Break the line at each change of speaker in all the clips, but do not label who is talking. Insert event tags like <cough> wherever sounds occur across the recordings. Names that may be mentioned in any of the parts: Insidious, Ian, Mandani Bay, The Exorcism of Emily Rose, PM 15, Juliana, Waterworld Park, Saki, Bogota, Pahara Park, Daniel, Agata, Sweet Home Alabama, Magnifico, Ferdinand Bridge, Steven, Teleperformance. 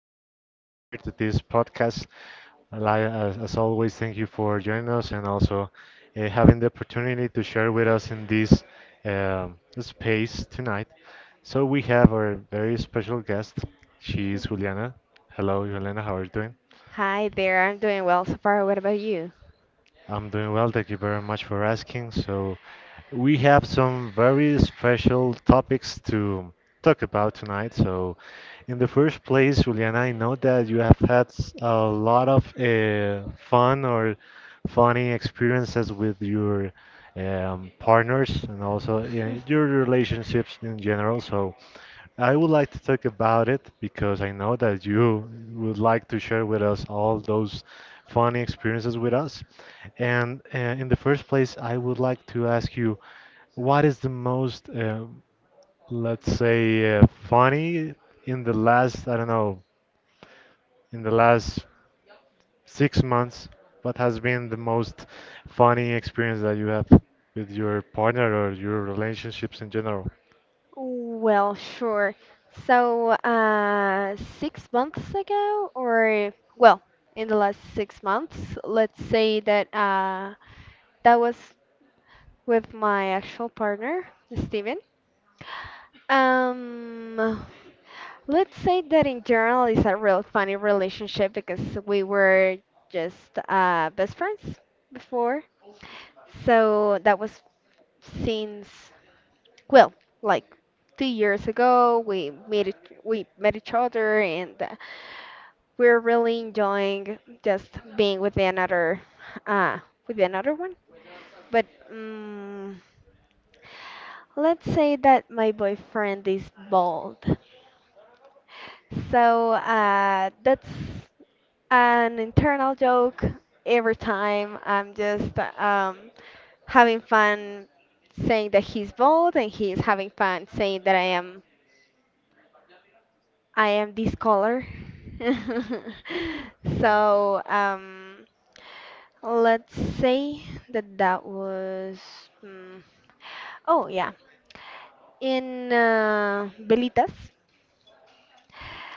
for joining us here to this podcast. As always, thank you for joining us and also having the opportunity to share with us in this space tonight. So, we have our very special guest. She is Juliana. Hello, Juliana. How are you doing?
Hi there, I'm doing well so far. What about you?
I'm doing well. Thank you very much for asking. So, we have some very special topics to talk about tonight. So, in the first place, Juliana, I know that you have had a lot of fun or funny experiences with your partners and also your
<laughs>
relationships in general. So, I would like to talk about it because I know that you would like to share with us all those funny experiences with us. And in the first place, I would like to ask you what is the most, let's say, funny in the last, I don't know, in the last 6 months? What has been the most funny experience that you have with your partner or your relationships in general? <laughs>
Well, sure. So, 6 months ago, or well, in the last 6 months, let's say that that was with my actual partner, Steven. Um, let's say that in general it's a real funny relationship because we were just best friends before. So that was since, well, like 2 years ago, we met each other, and we're really enjoying just being with uh, with another one. But let's say that my boyfriend is bald. So that's an internal joke every time. I'm just having fun saying that he's bald, and he's having fun saying that I am this color. <laughs>
Mhm.
So let's say that that was. mm, oh yeah, in Belitas,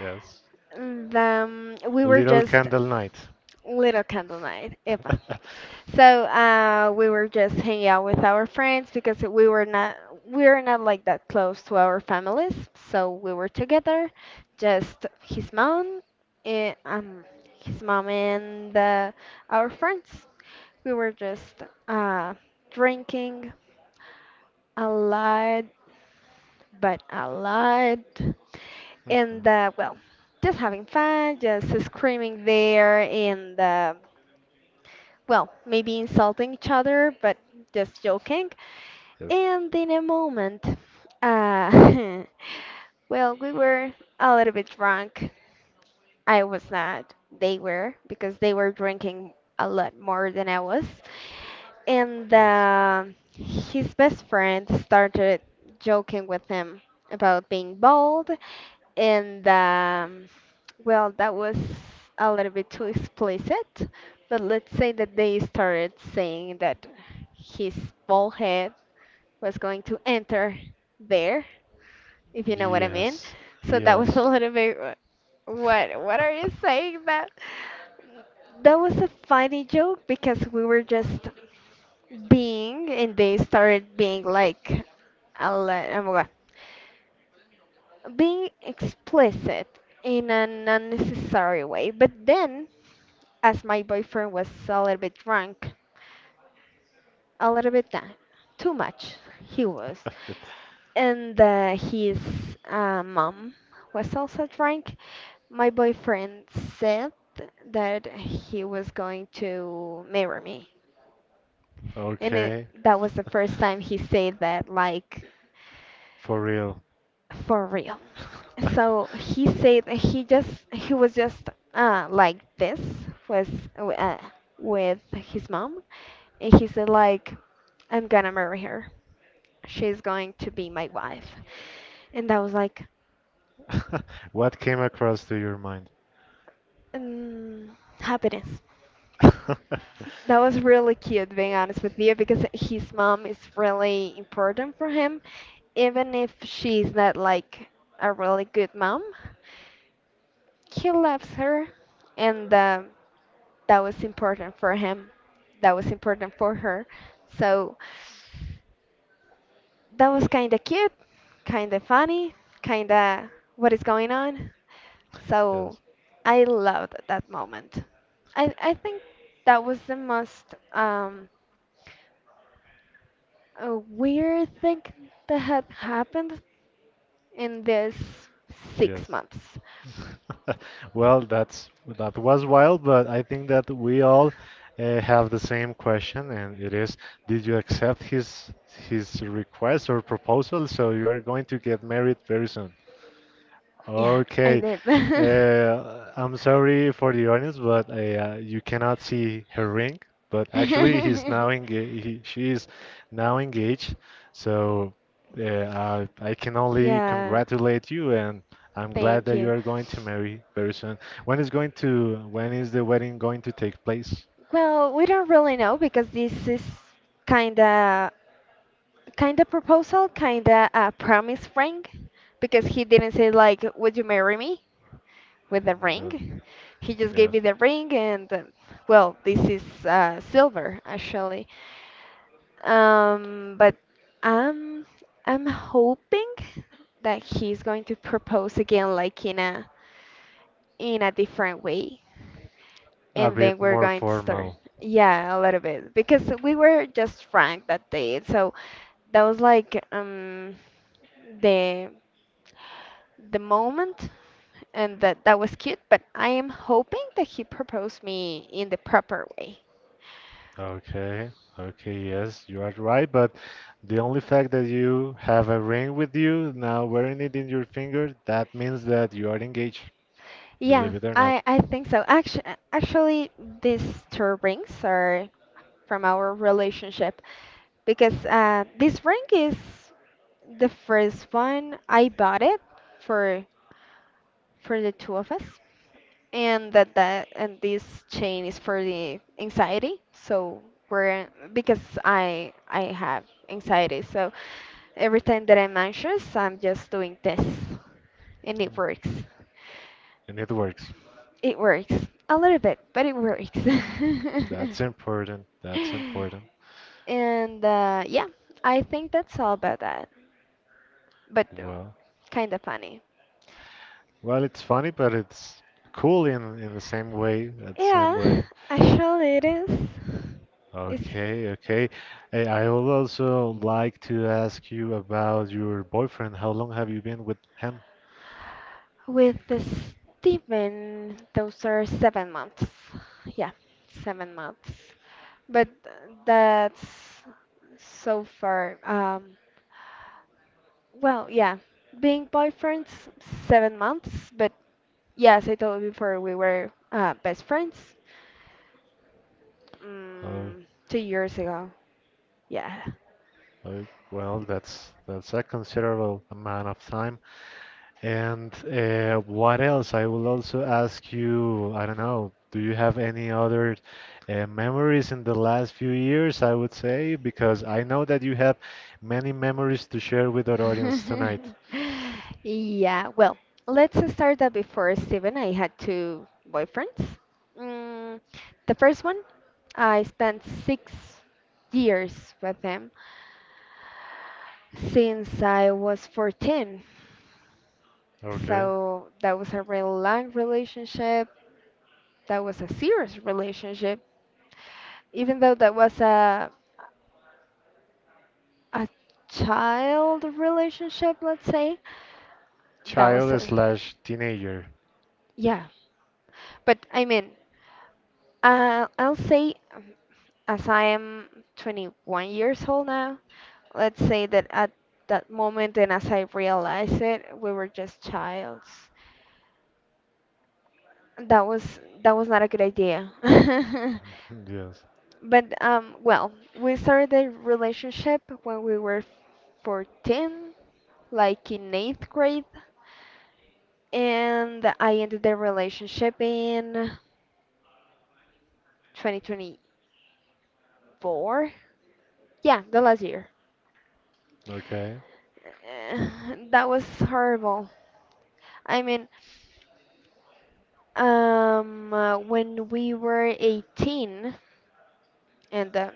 Yes.
we were
Little
just
Candle Night.
little candle night. Yep.
<laughs>
So we were just hanging out with our friends because we were not like that close to our families. So we were together, just his mom, and, um, and our friends. We were just uh, drinking a lot, but a lot, and well, just having fun, just screaming there, and well, maybe insulting each other, but just joking.
Yes,
And in a moment, uh, <laughs> well, we were a little bit drunk. I was not. They were because they were drinking a lot more than I was. And
yes.
his best friend started joking with him about being bald. And well, that was a little bit too explicit. But let's say that they started saying that his bald head was going to enter there, if you know what I mean.
Yes,
So that was <laughs> a
yes. <laughs>
little bit what are you saying that? That was a funny joke because we were just being and they started being like a le- um, what- being explicit in an unnecessary way. But then as my boyfriend was a little bit drunk, a little bit down, too much he was. And his mom was also drunk. My boyfriend said that he was going to marry me. And it,
Okay,
that was the first time he said that, like,
for real. <laughs>
for real. So he said that he was just like this was uh, with his mom, and he said like, "I'm gonna marry her. She's going to be my wife." And I was like,
What came across to your mind? <laughs>
mm, happiness. That was really cute, being honest with you, because his mom is really important for him. Even if she's not like a really good mom, he loves her, and that was important for him. That was important for her. So. That was kind of cute, kind of funny, kind of what is going on. So
Yes,
I loved that moment. I think that was the most a weird thing that had happened in this
yes.
6 months.
<laughs> Well, that was wild, but I think that we all have the same question, and it is, did you accept his request or proposal? So you are going to get married very soon.
Yeah, I
Okay.
did.
I'm sorry for the audience, but you cannot see her ring. But actually, he's
<laughs>
now engaged. She is now engaged. So I can only
Yeah.
congratulate you, and I'm glad
Thank
that you
you.
are going to marry very soon. When is the wedding going to take place?
Well, we don't really know because this is kinda kinda proposal, kinda a promise ring, because he didn't say like, "Would you marry me?" with the
The-
ring. He just gave
yes,
me the ring, and well, this is silver actually. But I'm I'm hoping that he's going to propose again, like in a different way.
a
And then
bit
we're
more
going to start.
formal.
Yeah, a little bit. Because we were just frank that day. So that was like the the moment and that was cute, but I am hoping that he proposed me in the proper way.
Okay, okay, yes, you are right, but the only fact that you have a ring with you now wearing it in your finger, that means that you are engaged,
Yeah,
believe it or not.
I think so. Actually, these two rings are from our relationship because this ring is the first one I bought it for for the two of us, and that and this chain is for the anxiety. So we're because I have anxiety, so every time that I'm anxious, I'm just doing this, and it
Mm.
works.
And it works.
It works a little bit, but it works. <laughs>
That's important. That's important.
And yeah, I think that's all about that. But
Well,
kind of funny.
well, it's funny, but it's cool in the same way, that same
Yeah,
way.
actually it is. It's
Okay, okay. I would also like to ask you about your boyfriend. How long have you been with him?
with the Steven, those are 7 months. Yeah, 7 months. But that's so far. Well, yeah, being boyfriends 7 months, but yeah, as I told you before, we were best friends
Uh,
mm, 2 years ago. Yeah.
uh, well, that's a considerable amount of time. And what else? I will also ask you, I don't know, do you have any other memories in the last few years, I would say, because I know that you have many memories to share with our audience tonight.
<laughs> Yeah, well, let's start that before Steven. I had two boyfriends. Mm, the first one, I spent 6 years with him since I was 14.
Okay.
So that was a really long relationship. That was a serious relationship. Even though that was a child relationship, let's say. That was
Child
a
slash teenager.
yeah. But I mean, I'll say as I am 21 years old now, let's say that at that moment and as I realized it, we were just childs. That was not a good idea. <laughs>
<laughs> Yes.
But well, we started the relationship when we were 14, like in eighth grade. And I ended the relationship in 2024. Yeah, the last year.
Okay,
Eh, That was horrible. I mean, when we were 18 and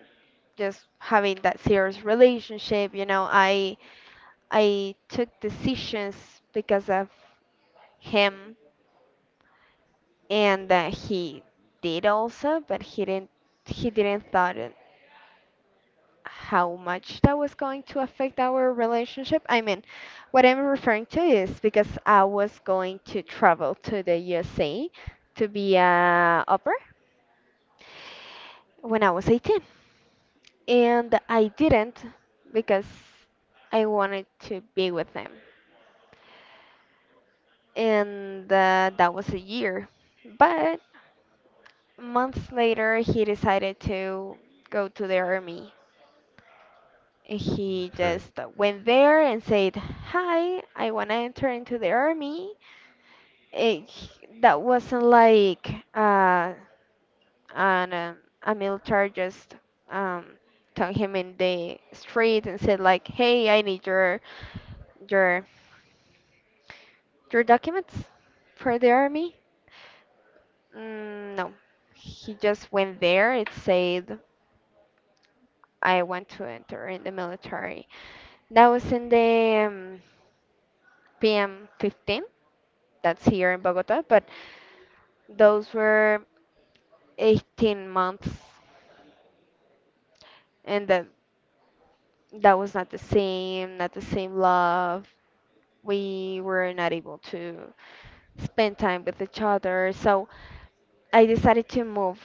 just having that serious relationship, I took decisions because of him, and he did also, but he didn't thought it how much that was going to affect our relationship. I mean, what I'm referring to is because I was going to travel to the USA to be a upper when I was 18, and I didn't because I wanted to be with them, and that was a year. But months later, he decided to go to the army. He
okay. <laughs>
just went there and said, "Hi, I want to enter into the army." eh, that wasn't like an, uh, a military just um, took him in the street and said like, "Hey, I need your your your documents for the army." No, he just went there. It said, "I want to enter in the military." That was in the PM 15. That's here in Bogota, but those were 18 months, and that was not the same, not the same love. We were not able to spend time with each other. So I decided to move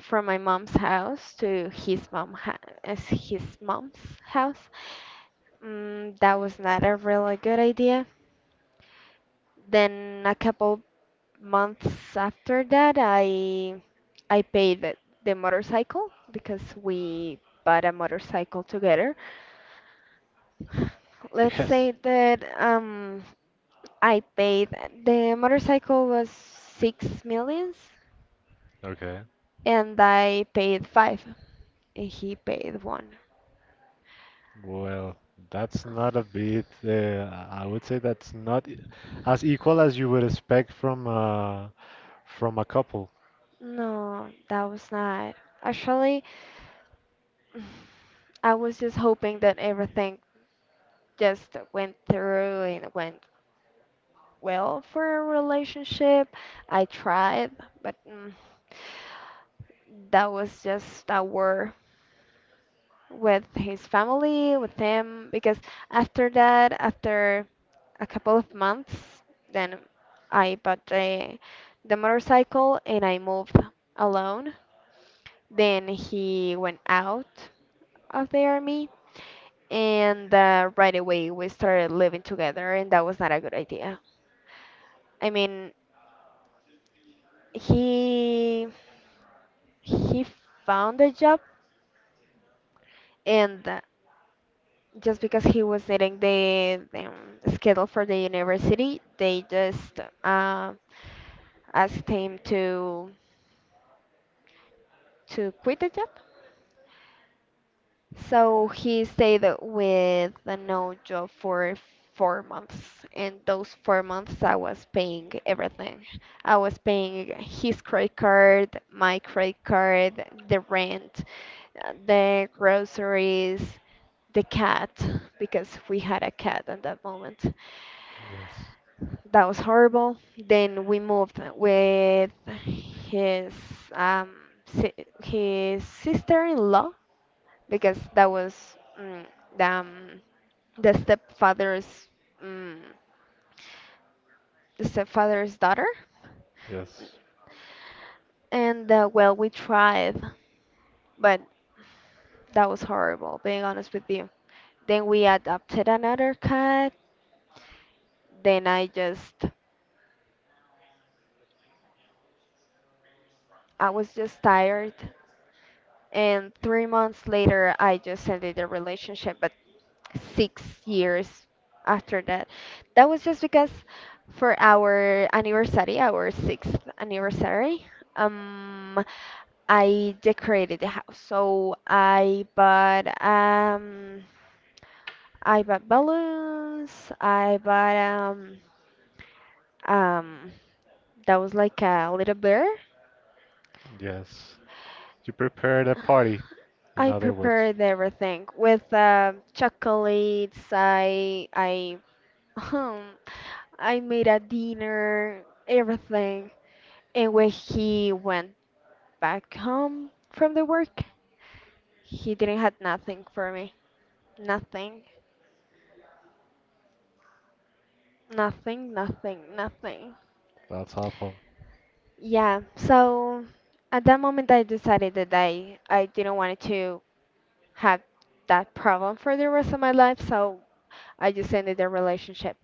from my mom's house to his mom's house. That was not a really good idea. Then a couple months after that, I paid the motorcycle because we bought a motorcycle together. Let's say
Yes,
that I paid the motorcycle was 6 millions
okay.
and I paid five and he paid one.
Well, that's not a bit, I would say that's not as equal as you would expect from a couple.
No, that was not. Actually, <sighs> I was just hoping that everything just went through and went well for a relationship. I tried, but that was just a war with his family, with him, because after that, after a couple of months, then I bought the motorcycle and I moved alone. Then he went out of the army, and right away we started living together, and that was not a good idea. I mean, he he found a job and just because he was needing the schedule for the university, they just asked him to quit the job. So he stayed with a no job for 4 months, and those 4 months I was paying everything. I was paying his credit card, my credit card, the rent, the groceries, the cat, because we had a cat at that moment.
Yes,
That was horrible. Then we moved with his um si his sister-in-law because that was the um, the stepfather's mm, the stepfather's daughter.
yes,
And well, we tried, but that was horrible, being honest with you. Then we adopted another cat. Then I was just tired. And 3 months later I just ended the relationship, but 6 years after that. That was just because for our anniversary, our sixth anniversary, um, I decorated the house. So I bought balloons, I bought um that was like a little bear.
yes. You prepared a party, in
I
other words.
prepared everything with chocolates. I <laughs> I made a dinner, everything. And when he went back home from the work, he didn't have nothing for me. Nothing, nothing, nothing, nothing.
That's awful.
Yeah, so at that moment I decided that I didn't want to have that problem for the rest of my life, so I just ended the relationship.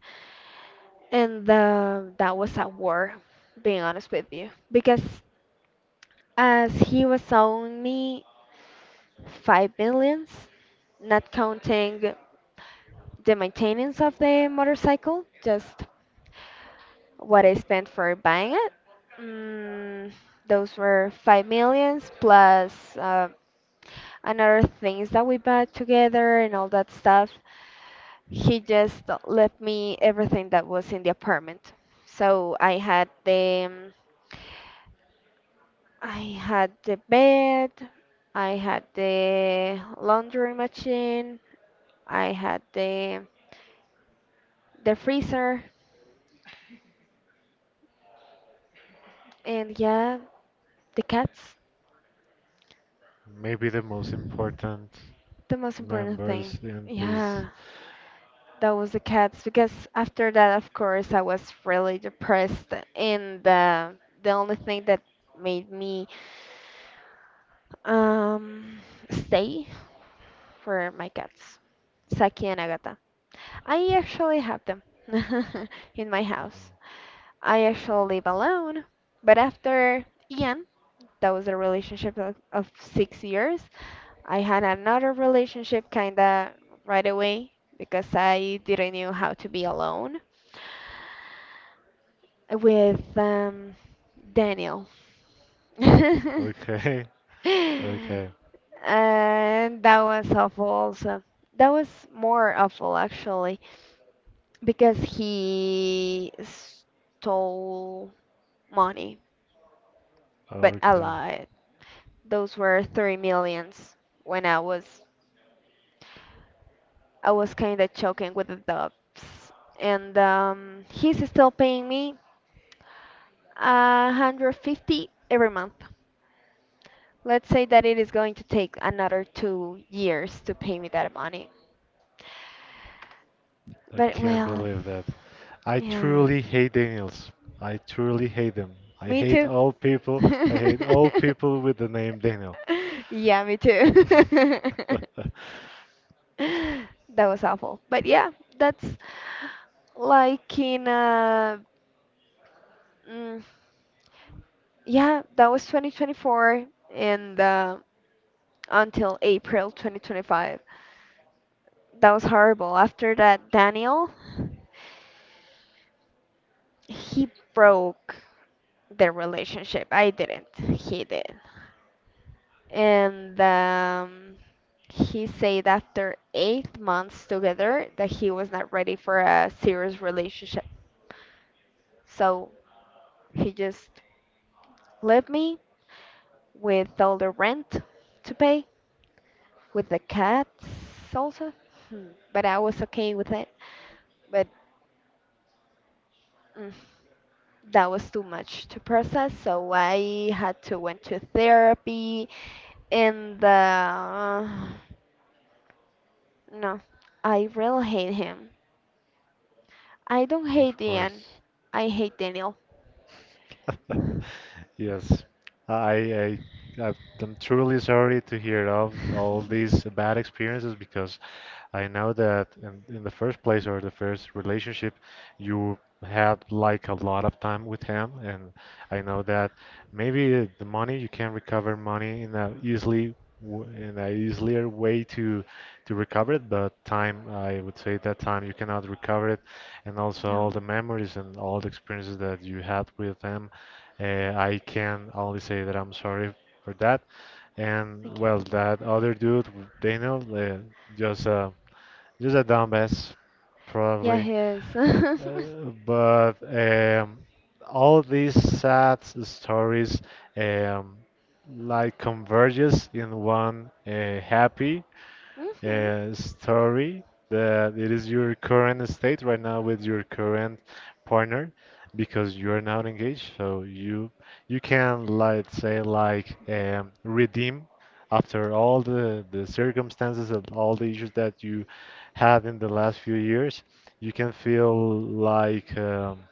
And that was a war, being honest with you. Because as he was owing me 5 millions, not counting the maintenance of the motorcycle, just what I spent for buying it. Mm, those were 5 millions plus another things that we bought together and all that stuff. He just left me everything that was in the apartment. So I had the bed, I had the laundry machine, I had the freezer, and yeah, the cats.
Maybe the most important
The most important
members
thing.
in this.
Yeah, that was the cats because after that, of course, I was really depressed, and the only thing that made me um stay for my cats, Saki and Agata. I actually have them <laughs> in my
Mhm.
house. I actually live alone. But after Ian, that was a relationship of 6 years. I had another relationship kinda right away because I didn't know how to be alone with Daniel. <laughs>
Okay, <laughs> okay,
And that was awful also. That was more awful actually because he stole money, but a
okay.
lot. Those were 3 millions when I was kind of choking with the dubs. And he's still paying me a 150 every month. Let's say that it is going to take another 2 years to pay me that money.
I
But
can't
well,
believe that. I
yeah.
truly hate Daniels. I truly hate them. I
Me
hate
too.
all people. I hate all
<laughs>
people with the name Daniel.
Yeah, me too. <laughs>
<laughs>
<laughs> That was awful. But yeah, that's like mm, yeah, that was 2024 and until April 2025. That was horrible. After that, Daniel, he broke the relationship. I didn't. He did. And he said after 8 months together that he was not ready for a serious relationship. So he just left me with all the rent to pay, with the cats also. Hmm, But I was okay with it. But mm, that was too much to process, so I had to went to therapy. And the no, I really hate him. I don't
Of
hate Ian.
course.
I hate Daniel. <laughs>
<laughs> Yes. I, I I'm truly sorry to hear of all these bad experiences because I know that in the first place or the first relationship, you had like a lot of time with him, and I know that maybe the money you can recover money in a easier way to recover it, but time I would say that time you cannot recover it, and also all
No.
the memories and all the experiences that you had with him. I can only say that I'm sorry for that. And
Thank you.
well, that other dude, Daniel, just uh, just a dumbass,
Yeah,
probably.
he is. <laughs>
But all these sad stories um, like converges in one happy
hmm
story that it is your current state right now with your current partner because you are not engaged so you can like say like redeem after all the circumstances and all the issues that you had in the last few years you can feel like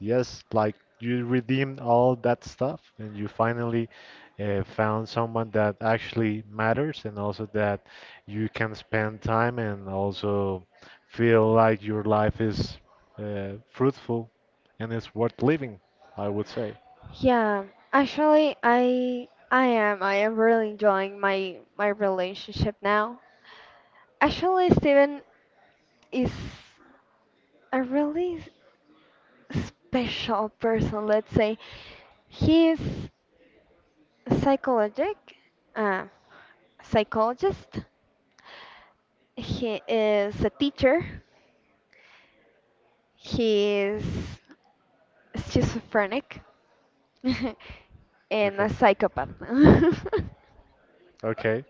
Yes, like you redeemed all that stuff and you finally found someone that actually matters and also that you can spend time and also feel like your life is fruitful and it's worth living, I would say.
Yeah, actually, I am really enjoying my relationship now. Actually, Steven is a really special person, let's say. He is psychologic, uh, psychologist. He is a teacher. He's schizophrenic <laughs> and
Okay,
a psychopath. <laughs>
okay,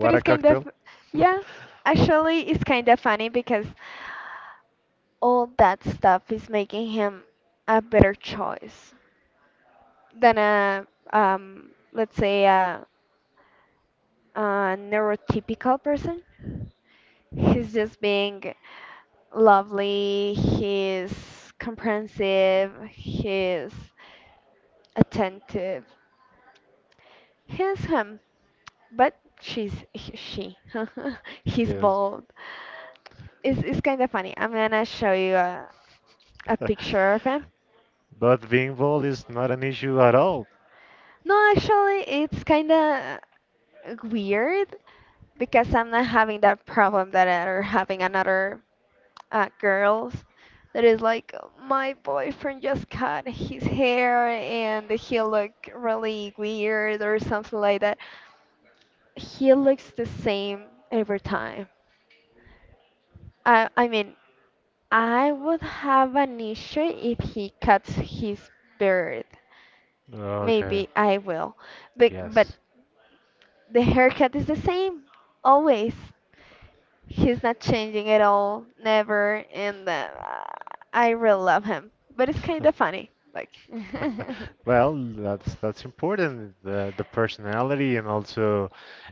But
a
it's kind of,
cocktail. <laughs>
yeah, actually, it's kind of funny because all that stuff is making him a better choice than a, let's say, a neurotypical person. He's just being lovely, he's comprehensive, he's attentive. He's him, but she's she. <laughs> He's
Yes,
bald. It's kind of funny. I'm gonna show you a
<laughs>
picture of him.
but being bald is not an issue at all.
No, actually, it's kind of weird because I'm not having that problem that are having another girls that is like my boyfriend just cut his hair and he look really weird or something like that. He looks the same every time. I mean, I would have an issue if he cuts his beard.
Okay,
Maybe I will. But
yes.
the haircut is the same, always. He's not changing at all, never, and I really love him. But it's
<laughs>
kind of funny. Like,
<laughs> Well, that's important. The personality and also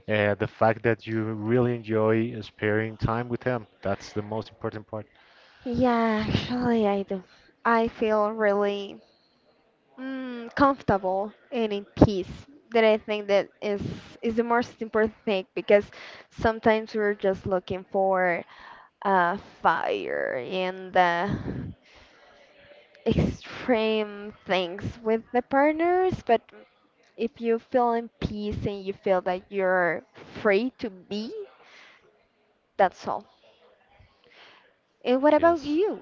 the fact that you really enjoy sparing time with them. That's the most important part.
<laughs> yeah, actually, I do. I feel really comfortable and in peace. That I think that is the most important thing because sometimes we're just looking for uh, fire and extreme things with the partners. But if you feel in peace and you feel that you're free to be, that's all. And what about
Yes.
you?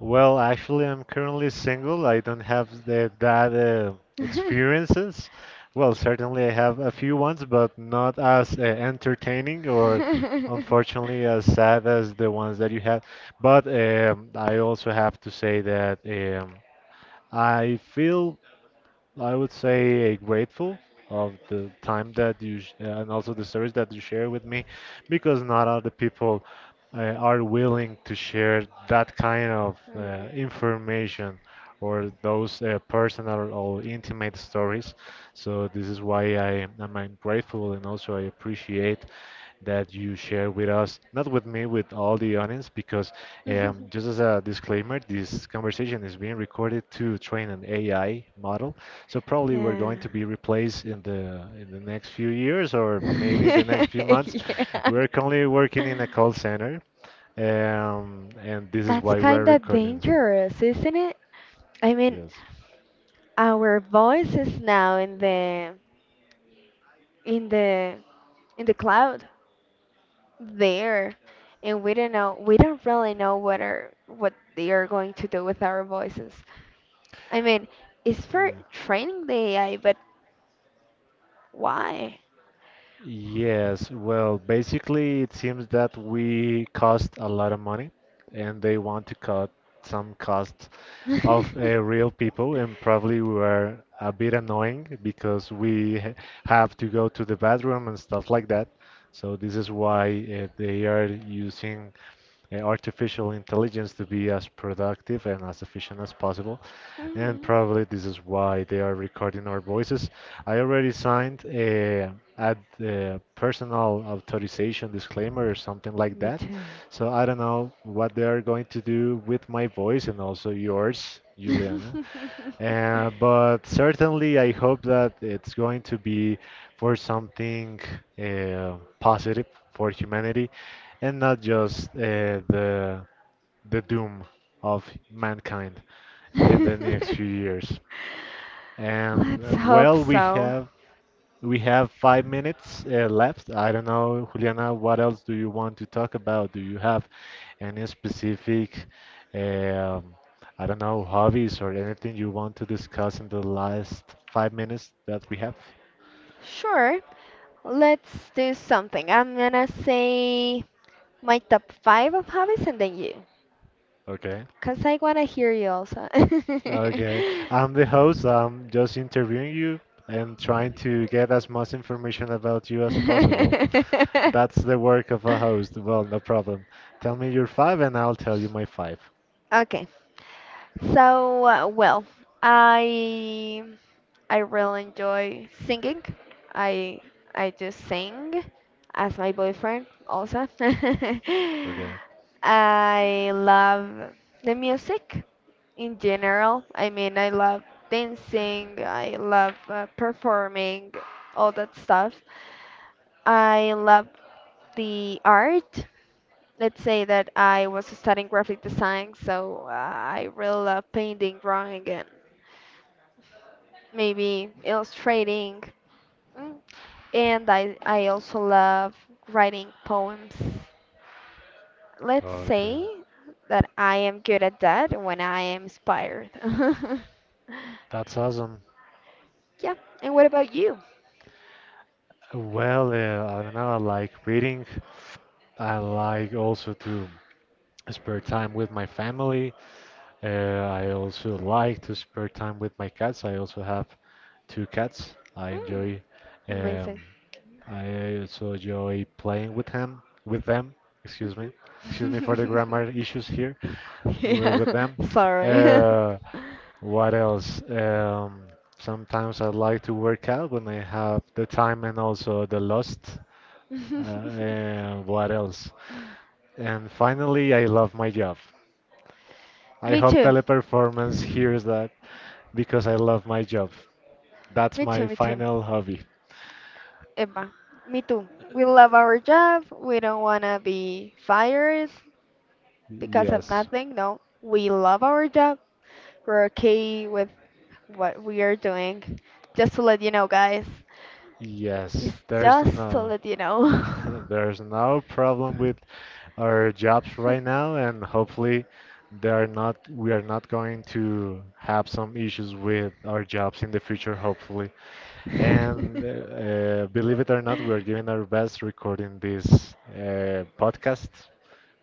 Well, actually, I'm currently single. I don't have that
<laughs>
experiences. Well, certainly I have a few ones, but not as entertaining or
<laughs>
unfortunately as sad as the ones that you had. But I also have to say that I feel I would say grateful of the time that you and also the service that you share with me, because not all the people are willing to share that kind of
Hmm.
information or those personal or intimate stories. So this is why I'm grateful and also I appreciate that you share with us, not with me, with all the audience, because just
<laughs>
as a disclaimer, this conversation is being recorded to train an AI model. So probably we're
Yeah.
going to be replaced in the next few years,
<laughs>
or maybe in the next few months.
Yeah.
We're currently working in a call center, and this is
That's
why we're
kind of
recording this.
dangerous, isn't it? I mean,
Yes.
our voice is now in in the the cloud. There. And we don't really know what are what they are going to do with our voices. I mean, it's for
Yeah.
training the AI, but why? <laughs>
Yes, well, basically, it seems that we cost a lot of money and they want to cut some costs of real people, and probably we were a bit annoying because we have to go to the bathroom and stuff like that. So this is why they are using artificial intelligence to be as productive and as efficient as possible. And
Mhm.
probably this is why they are recording our voices. I already signed a personal authorization disclaimer or something like
Me
that.
too.
So I don't know what they are going to do with my voice and also yours, Juliana. But certainly I hope that it's going to
<laughs>
be for something positive for humanity and not just the doom of mankind in the next
<laughs>
few years. And
Let's hope
well, we
so.
have we have 5 minutes left. I don't know, Juliana, what else do you want to talk about? Do you have any specific, um, I don't know, hobbies or anything you want to discuss in the last 5 minutes that we have?
Sure, let's do something. I'm gonna say my top 5 of hobbies and then you,
Okay.
because I wanna hear you also.
Okay. I'm the host. I'm just interviewing you and trying to get as much information about you as possible. That's the work of a
<laughs>
host. Well, no problem. Tell me your five and I'll tell you my five.
Okay. So, well, I I really enjoy singing. I I do sing as my boyfriend also. <laughs>
Okay.
I love the music in general. I mean, I love dancing, I love performing, all that stuff. I love the art. Let's say that I was studying graphic design, so I really love painting, drawing, and maybe illustrating. Mm. And I also love writing poems. Let's
Okay.
say that I am good at that when I am inspired. <laughs>
That's awesome.
Yeah, and what about you?
Well, I don't know. I like reading. I like also to spare time with my family. I also like to spare time with my cats. I also have two cats. I
Mm,
enjoy. Um,
amazing.
I also enjoy playing with him, with them. Excuse me. Excuse me for the
Mhm.
grammar issues
<laughs>
here
Yeah.
with them.
<laughs> Sorry.
Uh, What else? Sometimes I like to work out when I have the time and also the lust. Uh,
<laughs> <laughs>
uh, what else? And finally, I love my job. I
Me
hope
too.
Teleperformance hears that because I love my job. That's
Me too,
my
me too.
final hobby.
Emma, me too. We love our job. We don't want to be fired because of
Yes,
nothing. No, we love our job. We're okay with what we are doing. Just to let you know, guys.
yes.
It's
There's
just to
no,
let you know.
<laughs> there's no problem with our jobs right now, and hopefully they are not we are not going to have some issues with our jobs in the future, hopefully. And
<laughs> <laughs>
believe it or not, we are giving our best recording this podcast.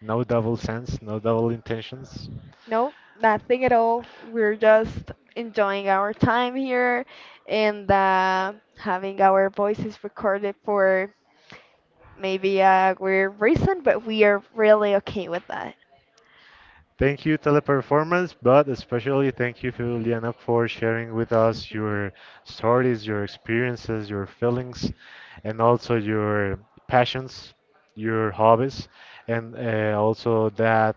No double sense, no double intentions.
No, nothing at all. We're just enjoying our time here and having our voices recorded for maybe a weird reason, but we are really okay with that.
Thank you, Teleperformance, but especially thank you, Juliana, for sharing with us your stories, your experiences, your feelings, and also your passions, your hobbies, and also that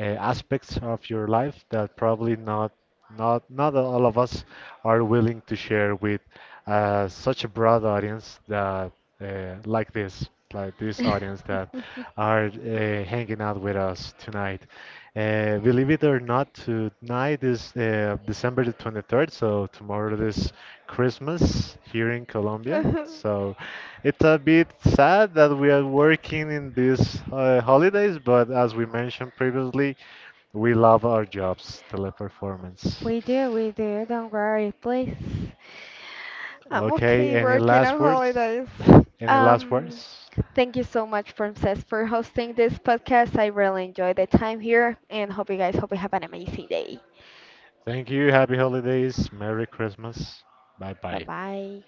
aspects of your life that probably not all of us are willing to share with such a broad audience that like this audience that are hanging out with us tonight. Believe it or not, tonight is December the 23rd, so tomorrow is Christmas here in Colombia.
<laughs>
So it's a bit sad that we are working in these holidays, but as we mentioned previously, we love our jobs, Teleperformance.
We do, we do. Don't worry, please. I'm
Okay,
okay
any
working
last
on
words?
holidays.
<laughs> Any last
Um,
words?
thank you so much, Princess, for hosting this podcast. I really enjoyed the time here and hope you have an amazing day.
Thank you. Happy holidays. Merry Christmas. Bye
Bye
bye.
bye.